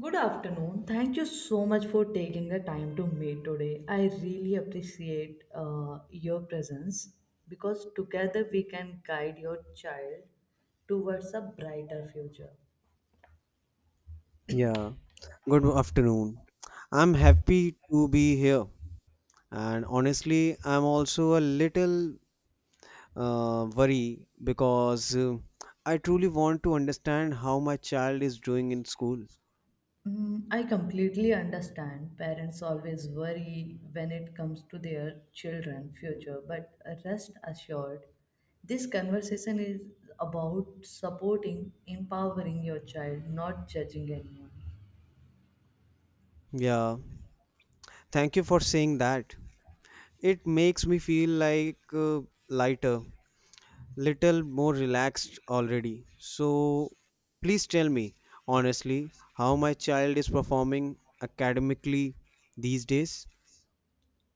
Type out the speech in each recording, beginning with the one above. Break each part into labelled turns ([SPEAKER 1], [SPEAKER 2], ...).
[SPEAKER 1] Good afternoon. Thank you so much for taking the time to meet today. I really appreciate your presence because together we can guide your child towards a brighter future.
[SPEAKER 2] Yeah, good afternoon. I'm happy to be here, and honestly, I'm also a little worry because I truly want to understand how my child is doing in school.
[SPEAKER 1] Mm, I completely understand parents always worry when it comes to their children' future, but rest assured, this conversation is about supporting, empowering your child, not judging anyone.
[SPEAKER 2] Yeah, thank you for saying that. It makes me feel like lighter, little more relaxed already. So, please tell me honestly how my child is performing academically these days.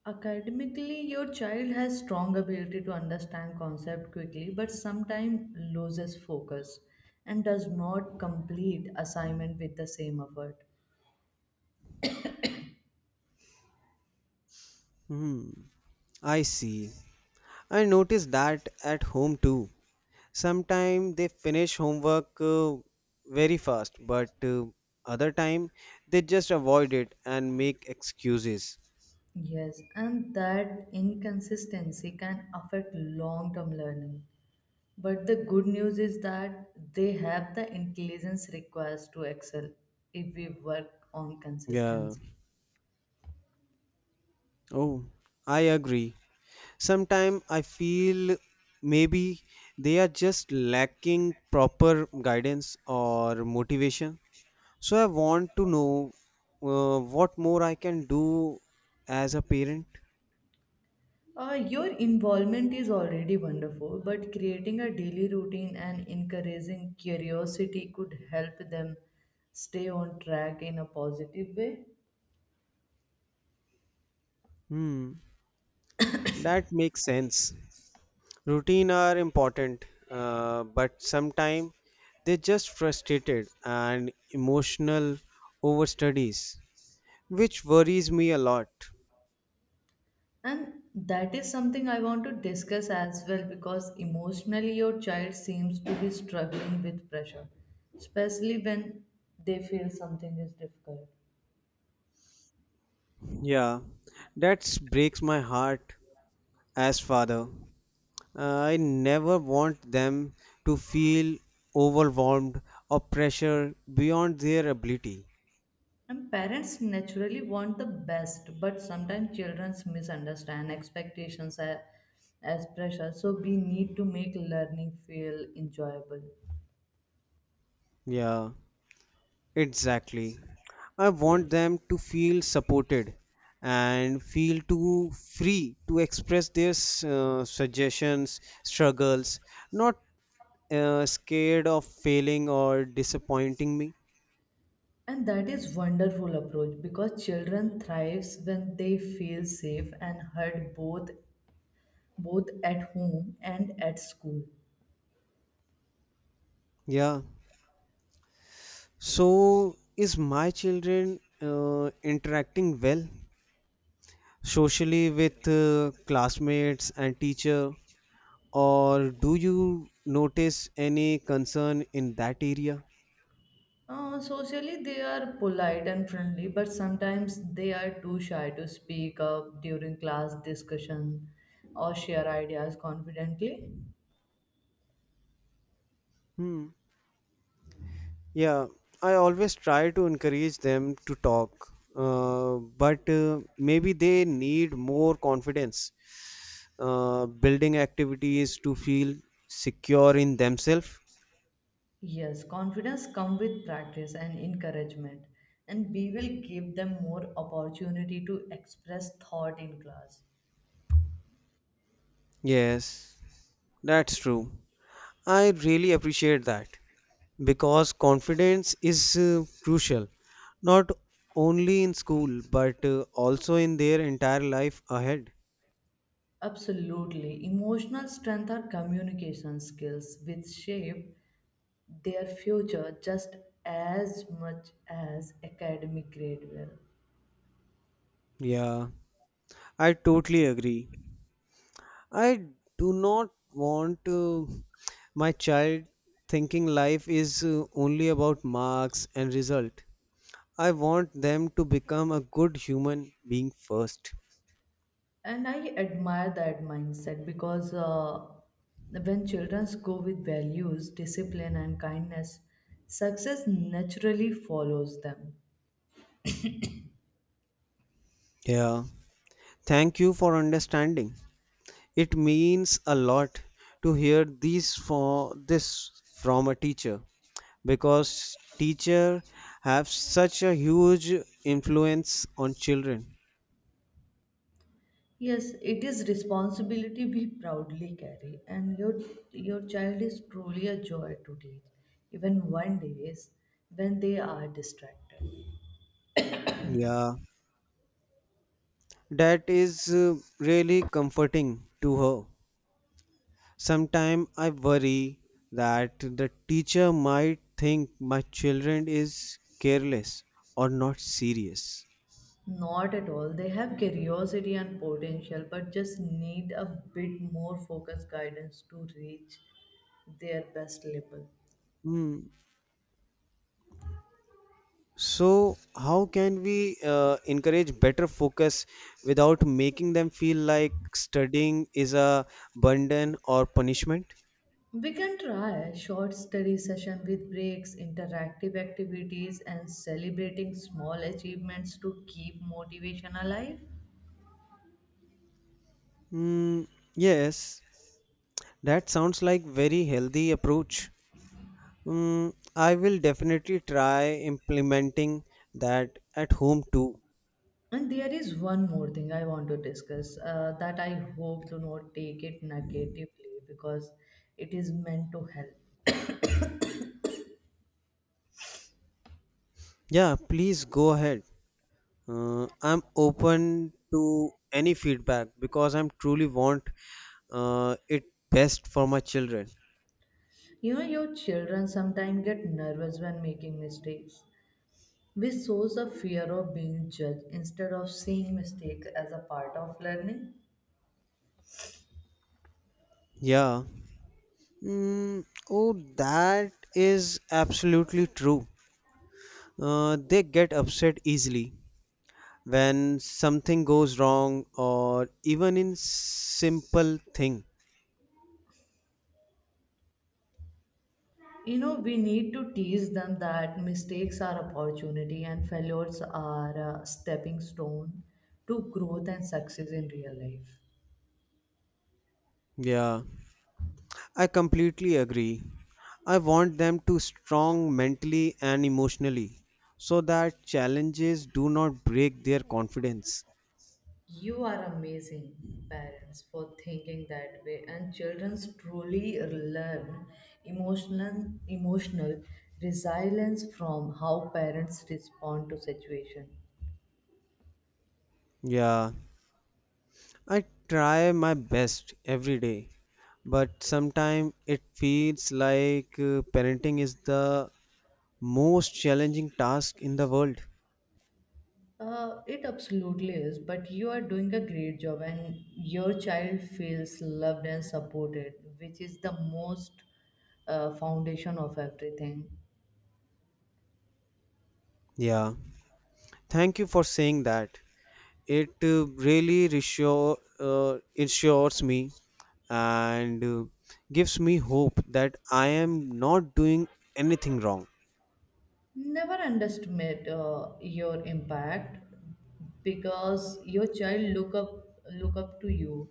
[SPEAKER 1] Academically, your child has strong ability to understand concept quickly, but sometimes loses focus and does not complete assignment with the same effort.
[SPEAKER 2] Hmm. I see. I notice that at home too. Sometimes they finish homework very fast, but other time they just avoid it and make excuses.
[SPEAKER 1] Yes, and that inconsistency can affect long-term learning. But the good news is that they have the intelligence required to excel if we work on
[SPEAKER 2] Yeah.
[SPEAKER 1] consistency.
[SPEAKER 2] Oh, I agree. Sometimes I feel maybe they are just lacking proper guidance or motivation. So I want to know what more I can do as a parent.
[SPEAKER 1] Your involvement is already wonderful, but creating a daily routine and encouraging curiosity could help them stay on track in a positive way.
[SPEAKER 2] Hmm. That makes sense. Routine are important, but sometimes they're just frustrated and emotional over studies, which worries me a lot.
[SPEAKER 1] And that is something I want to discuss as well because emotionally your child seems to be struggling with pressure, especially when they feel something is difficult.
[SPEAKER 2] Yeah, that breaks my heart as father. I never want them to feel overwhelmed or pressure beyond their ability.
[SPEAKER 1] And parents naturally want the best, but sometimes children misunderstand expectations as pressure. So we need to make learning feel enjoyable.
[SPEAKER 2] Yeah. Exactly. I want them to feel supported and feel to free to express their suggestions, struggles, not scared of failing or disappointing me.
[SPEAKER 1] And that is wonderful approach because children thrives when they feel safe and heard both at home and at school.
[SPEAKER 2] Yeah. So, is my children interacting well socially with classmates and teacher, or do you notice any concern in that area?
[SPEAKER 1] Socially, they are polite and friendly, but sometimes they are too shy to speak up during class discussion or share ideas confidently.
[SPEAKER 2] Hmm. Yeah, I always try to encourage them to talk, but maybe they need more confidence, building activities to feel secure in themselves.
[SPEAKER 1] Yes, confidence comes with practice and encouragement, and we will give them more opportunity to express thought in class.
[SPEAKER 2] Yes, that's true. I really appreciate that because confidence is crucial, not only in school but also in their entire life ahead.
[SPEAKER 1] Absolutely. Emotional strength or communication skills which shape their future just as much as academic grade will.
[SPEAKER 2] Yeah, I totally agree. I do not want my child thinking life is only about marks and result. I want them to become a good human being first.
[SPEAKER 1] And I admire that mindset because when children go with values, discipline, and kindness, success naturally follows them.
[SPEAKER 2] Yeah. Thank you for understanding. It means a lot to hear these for this from a teacher because teacher have such a huge influence on children.
[SPEAKER 1] Yes, it is responsibility we proudly carry, and your child is truly a joy to teach, even one days when they are distracted.
[SPEAKER 2] Yeah. That is really comforting to her. Sometimes I worry that the teacher might think my children is careless or not serious.
[SPEAKER 1] Not at all. They have curiosity and potential, but just need a bit more focused guidance to reach their best level.
[SPEAKER 2] Hmm. So how can we encourage better focus without making them feel like studying is a burden or punishment?
[SPEAKER 1] We can try a short study session with breaks, interactive activities, and celebrating small achievements to keep motivation alive.
[SPEAKER 2] Hmm. Yes, that sounds like very healthy approach. Hmm. I will definitely try implementing that at home too.
[SPEAKER 1] And there is one more thing I want to discuss that I hope do not take it negatively because it is meant to help.
[SPEAKER 2] Yeah, please go ahead. I'm open to any feedback because I'm truly want it best for my children.
[SPEAKER 1] You know, your children sometimes get nervous when making mistakes, which shows a fear of being judged instead of seeing mistakes as a part of learning.
[SPEAKER 2] Yeah. Mm, oh, that is absolutely true. They get upset easily when something goes wrong or even in simple thing.
[SPEAKER 1] You know, we need to teach them that mistakes are opportunity and failures are a stepping stone to growth and success in real life.
[SPEAKER 2] Yeah. I completely agree. I want them to strong mentally and emotionally so that challenges do not break their confidence.
[SPEAKER 1] You are amazing, parents, for thinking that way, and children truly learn emotional resilience from how parents respond to situation.
[SPEAKER 2] Yeah, I try my best every day, but sometimes it feels like parenting is the most challenging task in the world.
[SPEAKER 1] It absolutely is, but you are doing a great job, and your child feels loved and supported, which is the most foundation of everything.
[SPEAKER 2] Yeah, thank you for saying that. It really ensures me and gives me hope that I am not doing anything wrong.
[SPEAKER 1] Never underestimate your impact because your child look up to you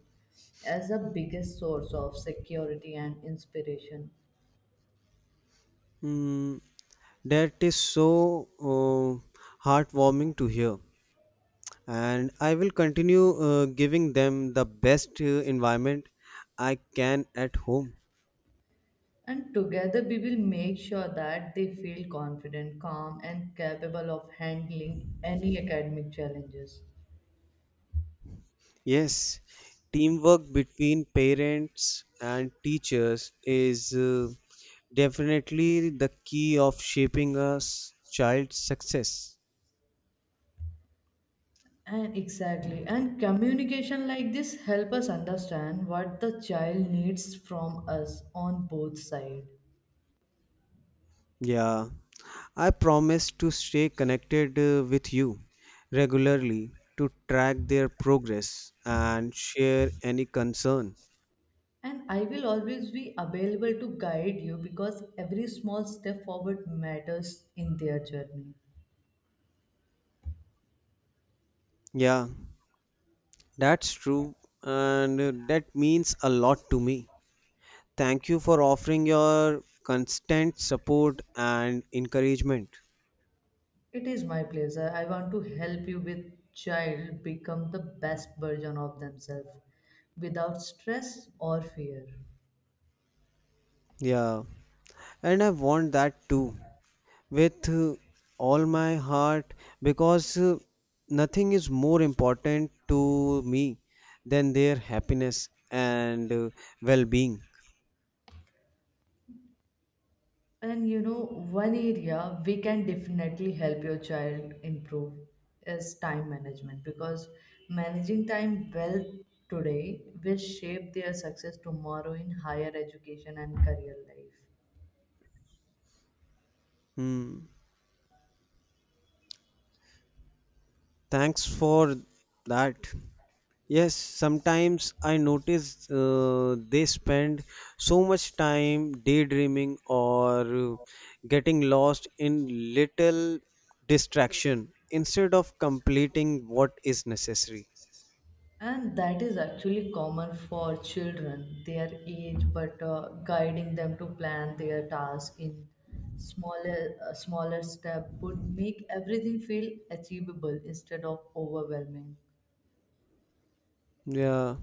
[SPEAKER 1] as the biggest source of security and inspiration.
[SPEAKER 2] Mm, that is so uh, heartwarming to hear, and I will continue giving them the best environment I can at home.
[SPEAKER 1] And together we will make sure that they feel confident, calm, and capable of handling any academic challenges.
[SPEAKER 2] Yes, teamwork between parents and teachers is definitely the key of shaping a child's success.
[SPEAKER 1] And exactly, and communication like this help us understand what the child needs from us on both sides.
[SPEAKER 2] Yeah. I promise to stay connected with you regularly to track their progress and share any concern.
[SPEAKER 1] And I will always be available to guide you because every small step forward matters in their journey.
[SPEAKER 2] Yeah, that's true, and that means a lot to me. Thank you for offering your constant support and encouragement.
[SPEAKER 1] It is my pleasure. I want to help you with child become the best version of themselves without stress or fear.
[SPEAKER 2] Yeah, and I want that too, with all my heart because nothing is more important to me than their happiness and well-being.
[SPEAKER 1] And you know, one area we can definitely help your child improve is time management because managing time well today will shape their success tomorrow in higher education and career life.
[SPEAKER 2] Hmm. Thanks for that. Yes, sometimes I notice they spend so much time daydreaming or getting lost in little distraction instead of completing what is necessary.
[SPEAKER 1] And that is actually common for children their age but guiding them to plan their task in smaller step would make everything feel achievable instead of overwhelming.
[SPEAKER 2] Yeah,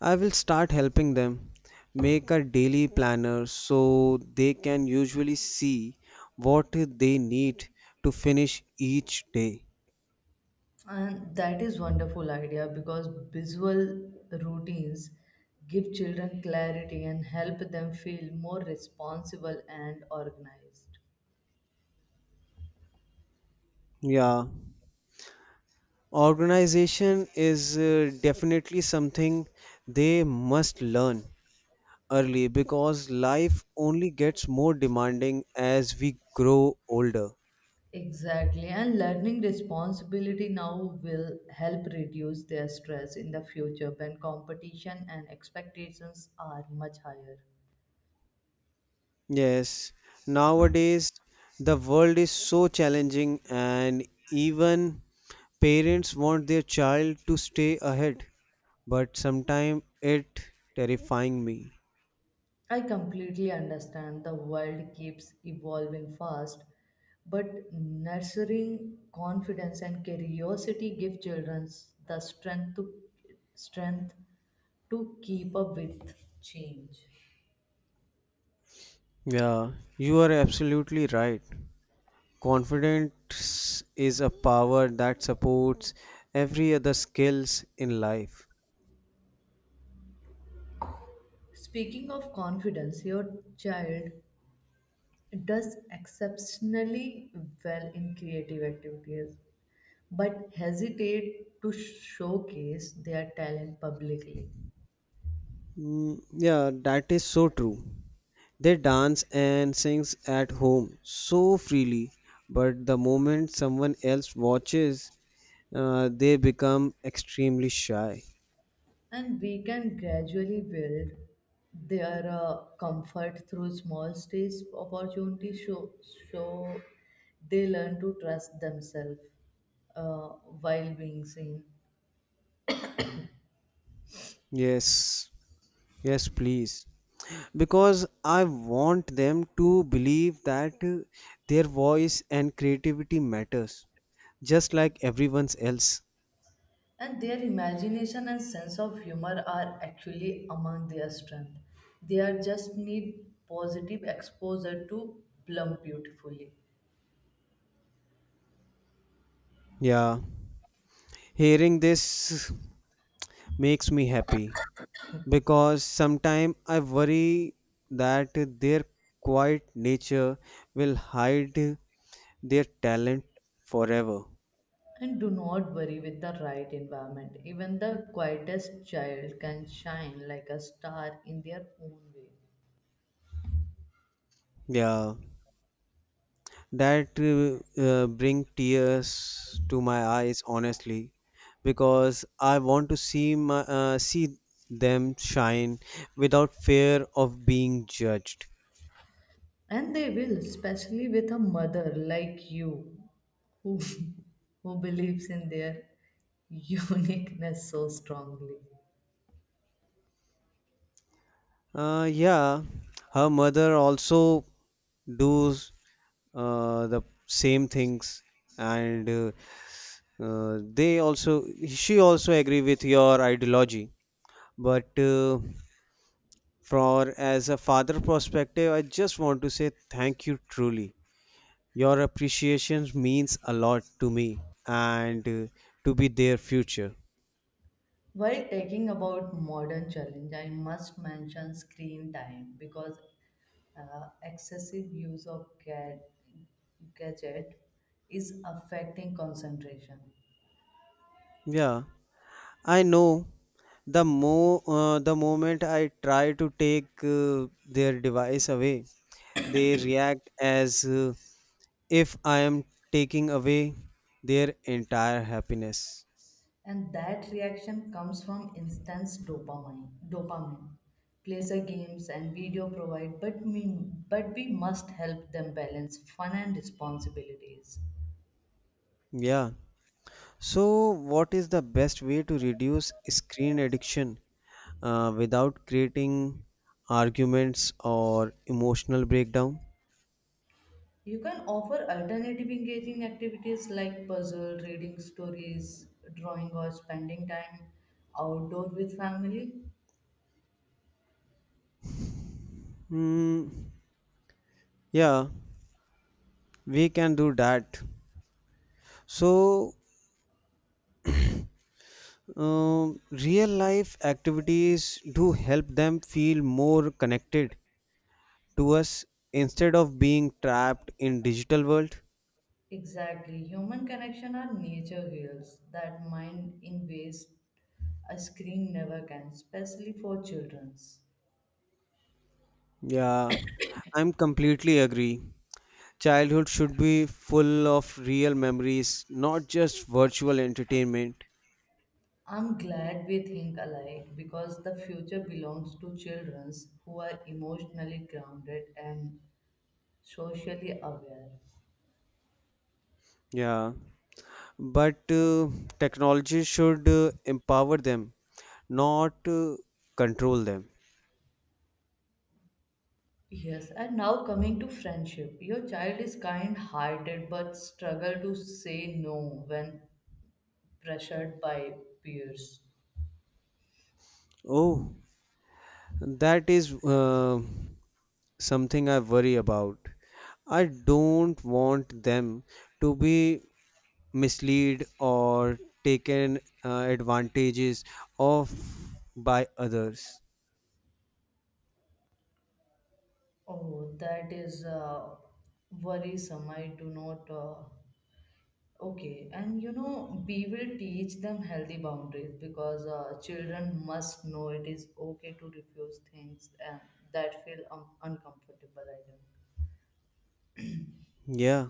[SPEAKER 2] I will start helping them make a daily planner so they can usually see what they need to finish each day.
[SPEAKER 1] And that is wonderful idea because visual routines give children clarity and help them feel more responsible and organized.
[SPEAKER 2] Yeah, organization is definitely something they must learn early because life only gets more demanding as we grow older.
[SPEAKER 1] Exactly, and learning responsibility now will help reduce their stress in the future when competition and expectations are much higher.
[SPEAKER 2] Yes, nowadays the world is so challenging and even parents want their child to stay ahead, but sometimes it terrifying me.
[SPEAKER 1] I completely understand the world keeps evolving fast, but nurturing confidence and curiosity give children the strength to keep up with change.
[SPEAKER 2] Yeah, you are absolutely right. Confidence is a power that supports every other skills in life.
[SPEAKER 1] Speaking of confidence, your child does exceptionally well in creative activities but hesitate to showcase their talent publicly.
[SPEAKER 2] Mm, yeah, that is so true. They dance and sings at home so freely, but the moment someone else watches, they become extremely shy.
[SPEAKER 1] And we can gradually build their comfort through small stage opportunities show they learn to trust themselves uh, while being seen.
[SPEAKER 2] Yes, yes, please, because I want them to believe that their voice and creativity matters just like everyone else.
[SPEAKER 1] And their imagination and sense of humor are actually among their strength. They are just need positive exposure to bloom beautifully.
[SPEAKER 2] Yeah, hearing this makes me happy because sometimes I worry that their quiet nature will hide their talent forever.
[SPEAKER 1] And do not worry with the right environment. Even the quietest child can shine like a star in their own way.
[SPEAKER 2] Yeah, that bring tears to my eyes honestly because I want to see them shine without fear of being judged.
[SPEAKER 1] And they will, especially with a mother like you who, who believes in their uniqueness so strongly.
[SPEAKER 2] Yeah, her mother also does the same things and they also she also agree with your ideology, but for as a father perspective I just want to say thank you truly. Your appreciation means a lot to me and to be their future.
[SPEAKER 1] While talking about modern challenge, I must mention screen time because excessive use of gadget is affecting concentration,
[SPEAKER 2] Yeah, I know. The moment I try to take their device away, they react as if I am taking away their entire happiness.
[SPEAKER 1] and that reaction comes from intense dopamine, pleasure games and video provide, but we must help them balance fun and responsibilities.
[SPEAKER 2] Yeah. So, what is the best way to reduce screen addiction without creating arguments or emotional breakdown?
[SPEAKER 1] You can offer alternative engaging activities like puzzle, reading stories, drawing, or spending time outdoor with family.
[SPEAKER 2] Hmm. Yeah, we can do that. So, real life activities do help them feel more connected to us instead of being trapped in digital world.
[SPEAKER 1] Exactly. Human connection or nature heals that mind in ways a screen never can, especially for children's.
[SPEAKER 2] Yeah, I'm completely agree. Childhood should be full of real memories, not just virtual entertainment.
[SPEAKER 1] I'm glad we think alike because the future belongs to children who are emotionally grounded and socially aware.
[SPEAKER 2] Yeah, but technology should empower them, not control them.
[SPEAKER 1] Yes, and now coming to friendship. Your child is kind hearted but struggle to say no when pressured by peers.
[SPEAKER 2] Oh, that is something I worry about. I don't want them to be misled or taken advantages of by others.
[SPEAKER 1] Oh, that is worrisome. I do not. Okay, and you know, we will teach them healthy boundaries because children must know it is okay to refuse things and that feel uncomfortable. I think.
[SPEAKER 2] Yeah,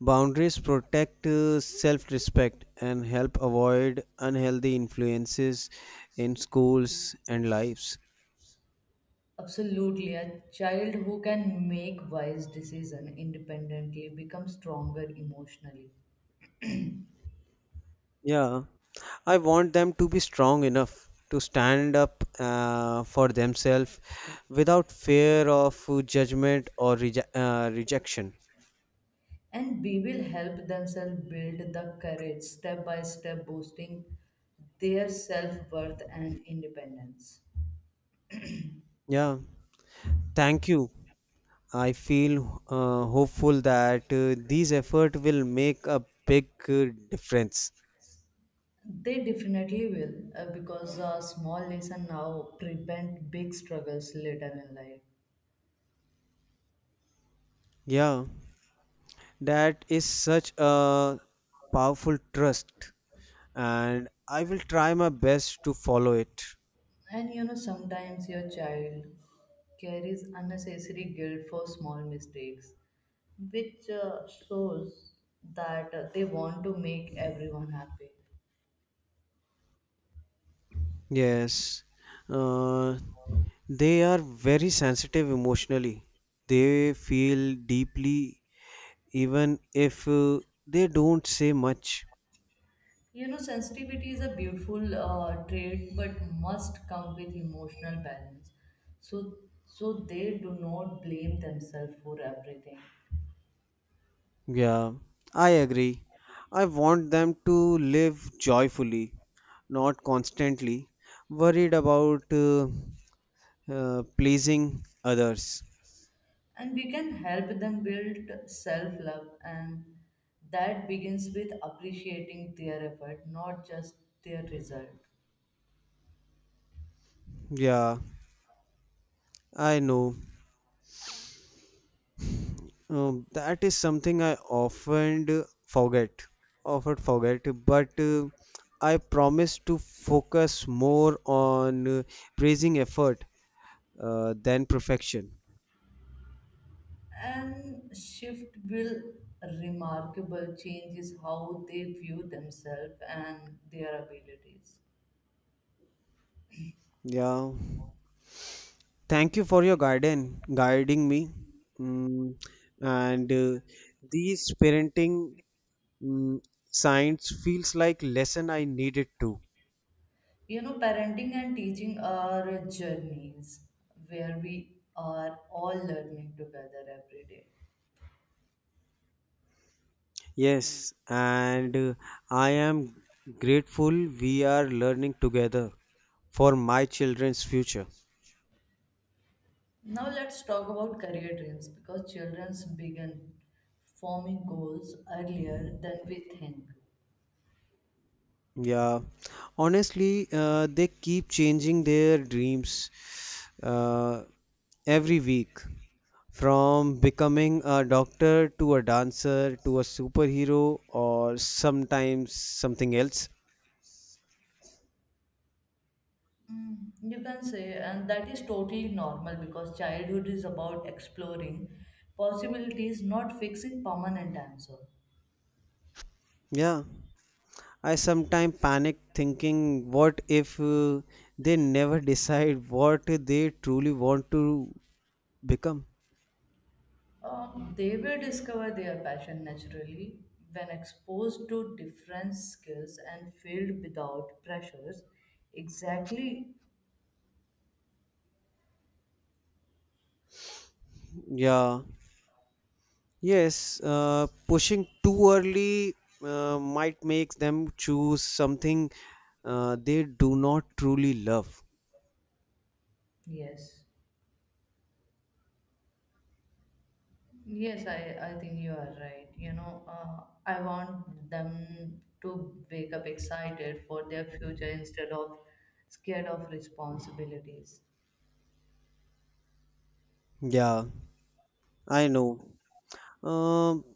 [SPEAKER 2] boundaries protect self-respect and help avoid unhealthy influences in schools and lives.
[SPEAKER 1] Absolutely. A child who can make wise decision independently becomes stronger emotionally.
[SPEAKER 2] Yeah, I want them to be strong enough to stand up for themselves without fear of judgment or rejection.
[SPEAKER 1] And we will help themselves build the courage step by step, boosting their self worth and independence.
[SPEAKER 2] Yeah, thank you. I feel hopeful that these effort will make a big difference.
[SPEAKER 1] They definitely will, because a small lesson now prevent big struggles later in life.
[SPEAKER 2] Yeah, that is such a powerful trust, and I will try my best to follow it.
[SPEAKER 1] And you know, sometimes your child carries unnecessary guilt for small mistakes, which shows that they want to make everyone happy.
[SPEAKER 2] Yes. Uh, They are very sensitive emotionally. They feel deeply even if they don't say much.
[SPEAKER 1] You know, sensitivity is a beautiful trait, but must come with emotional balance. So, so they do not blame themselves for everything.
[SPEAKER 2] Yeah, I agree. I want them to live joyfully, not constantly worried about pleasing others.
[SPEAKER 1] And we can help them build self love and that begins with appreciating their effort not just their result.
[SPEAKER 2] Yeah, I know. That is something I often do forget, often forget, but I promise to focus more on praising effort than perfection.
[SPEAKER 1] And shift will remarkable change is how they view themselves and their abilities.
[SPEAKER 2] Yeah. Thank you for your guiding me. Mm, and these parenting mm, signs feels like lesson I needed to.
[SPEAKER 1] You know parenting and teaching are journeys where we are all learning together every day.
[SPEAKER 2] Yes, and I am grateful we are learning together for my children's future.
[SPEAKER 1] Now let's talk about career dreams because childrens begin forming goals earlier than we think.
[SPEAKER 2] Yeah, honestly, they keep changing their dreams uh, every week, from becoming a doctor to a dancer to a superhero or sometimes something else.
[SPEAKER 1] Mm. You can say, and that is totally normal because childhood is about exploring possibilities, not fixing permanent answer.
[SPEAKER 2] Yeah, I sometimes panic thinking what if they never decide what they truly want to become.
[SPEAKER 1] They will discover their passion naturally when exposed to different skills and field without pressures. Exactly,
[SPEAKER 2] Yeah, yes, pushing too early might make them choose something they do not truly love.
[SPEAKER 1] yes. Yes, I think you are right. You know, I want them to wake up excited for their future instead of scared of responsibilities.
[SPEAKER 2] Yeah, I know. Um,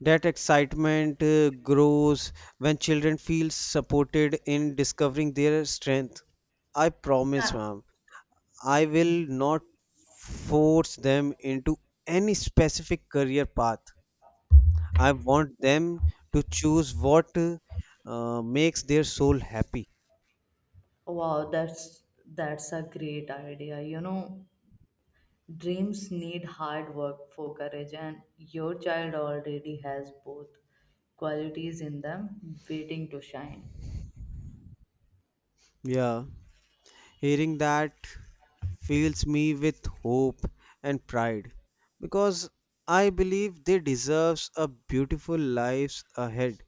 [SPEAKER 2] that excitement grows when children feel supported in discovering their strength. I promise,
[SPEAKER 1] Ah,
[SPEAKER 2] ma'am, I will not force them into any specific career path. I want them to choose what makes their soul happy.
[SPEAKER 1] wow, that's a great idea. You know, dreams need hard work for courage, and your child already has both qualities in them waiting to shine.
[SPEAKER 2] Yeah, hearing that fills me with hope and pride because I believe they deserves a beautiful lives ahead.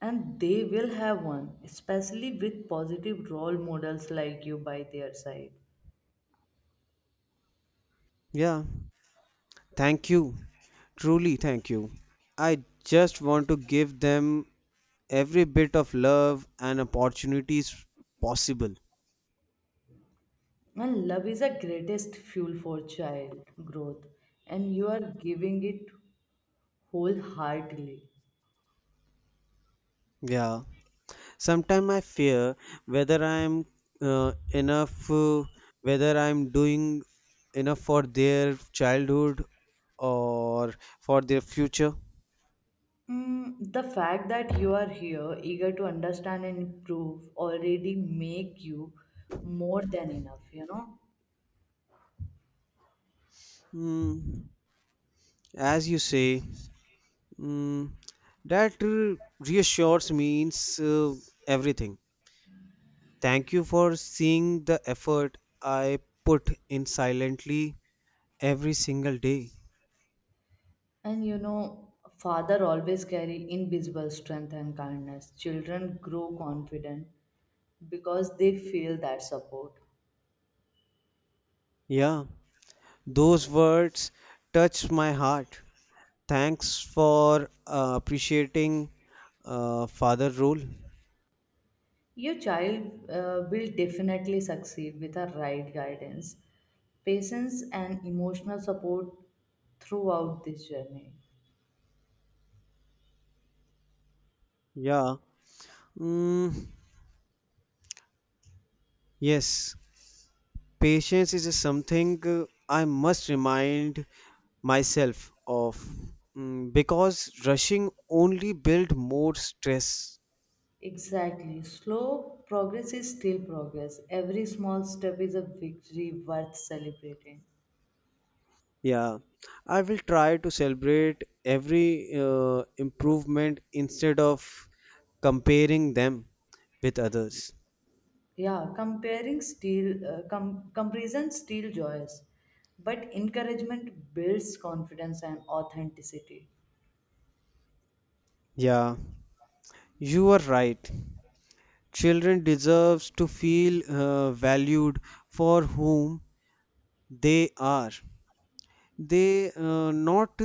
[SPEAKER 1] And they will have one, especially with positive role models like you by their side.
[SPEAKER 2] Yeah, thank you. Truly thank you. I just want to give them every bit of love and opportunities possible.
[SPEAKER 1] And love is the greatest fuel for child growth, and you are giving it wholeheartedly.
[SPEAKER 2] Yeah. Sometimes I fear whether I am enough, whether I am doing enough for their childhood or for their future.
[SPEAKER 1] Mm, the fact that you are here, eager to understand and improve, already make you more than enough, you know.
[SPEAKER 2] Mm, as you say, mm, that reassures means everything. Thank you for seeing the effort I put in silently every single day.
[SPEAKER 1] And you know, father always carry invisible strength and kindness. Children grow confident because they feel that support.
[SPEAKER 2] Yeah, those words touch my heart. Thanks for appreciating father role.
[SPEAKER 1] Your child will definitely succeed with the right guidance, patience, and emotional support throughout this journey.
[SPEAKER 2] Yeah. Mm, yes. Patience is something I must remind myself of because rushing only build more stress.
[SPEAKER 1] Exactly. Slow progress is still progress. Every small step is a victory worth celebrating.
[SPEAKER 2] Yeah. I will try to celebrate every improvement instead of comparing them with others.
[SPEAKER 1] Yeah, comparison steel joys, but encouragement builds confidence and authenticity.
[SPEAKER 2] Yeah. You are right. Children deserves to feel valued for whom they are. They not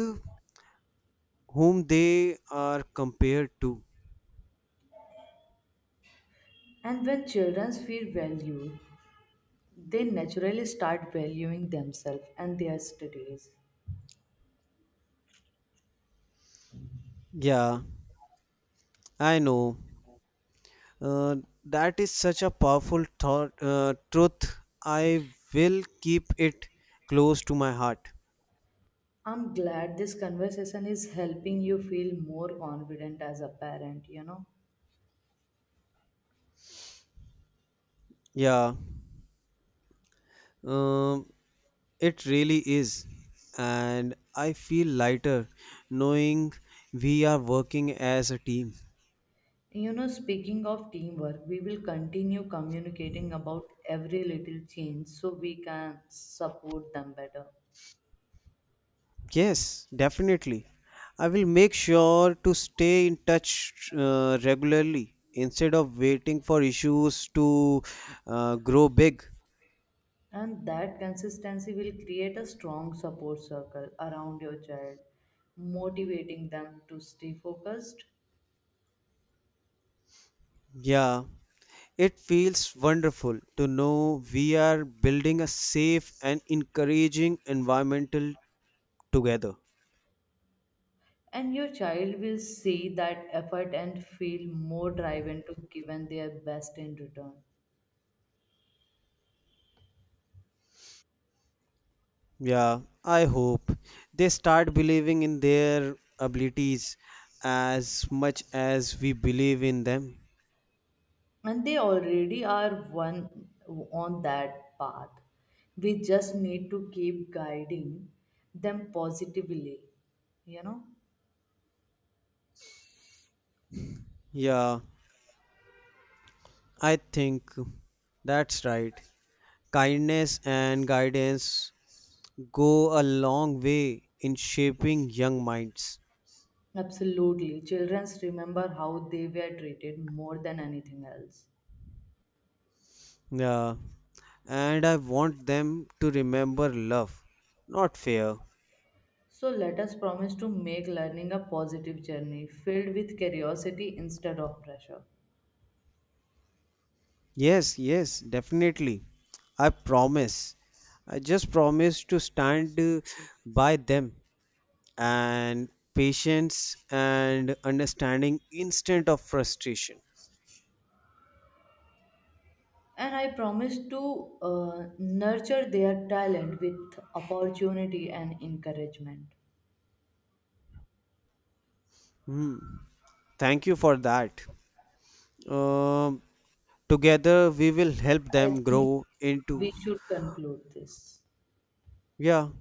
[SPEAKER 2] whom they are compared to.
[SPEAKER 1] And when children feel valued, they naturally start valuing themselves and their studies.
[SPEAKER 2] Yeah, I know. Uh, that is such a powerful thought truth. I will keep it close to my heart.
[SPEAKER 1] I'm glad this conversation is helping you feel more confident as a parent, you know.
[SPEAKER 2] Yeah, um, it really is. And I feel lighter knowing we are working as a team.
[SPEAKER 1] You know, speaking of teamwork, we will continue communicating about every little change so we can support them better.
[SPEAKER 2] Yes, definitely. I will make sure to stay in touch regularly instead of waiting for issues to grow big.
[SPEAKER 1] And that consistency will create a strong support circle around your child, motivating them to stay focused.
[SPEAKER 2] Yeah, it feels wonderful to know we are building a safe and encouraging environmental together.
[SPEAKER 1] And your child will see that effort and feel more driven to given their best in return.
[SPEAKER 2] Yeah, I hope they start believing in their abilities as much as we believe in them.
[SPEAKER 1] And they already are one on that path. We just need to keep guiding them positively, you know?
[SPEAKER 2] Yeah, I think that's right. Kindness and guidance go a long way in shaping young minds.
[SPEAKER 1] Absolutely. Children remember how they were treated more than anything else.
[SPEAKER 2] Yeah. And I want them to remember love, not fear.
[SPEAKER 1] So let us promise to make learning a positive journey filled with curiosity instead of pressure.
[SPEAKER 2] Yes, yes, definitely. I promise. I just promise to stand by them and patience and understanding instead of frustration.
[SPEAKER 1] And I promise to nurture their talent with opportunity and encouragement.
[SPEAKER 2] Hmm. Thank you for that. Um, together we will help
[SPEAKER 1] I
[SPEAKER 2] them
[SPEAKER 1] think
[SPEAKER 2] grow
[SPEAKER 1] we
[SPEAKER 2] into
[SPEAKER 1] should conclude this.
[SPEAKER 2] yeah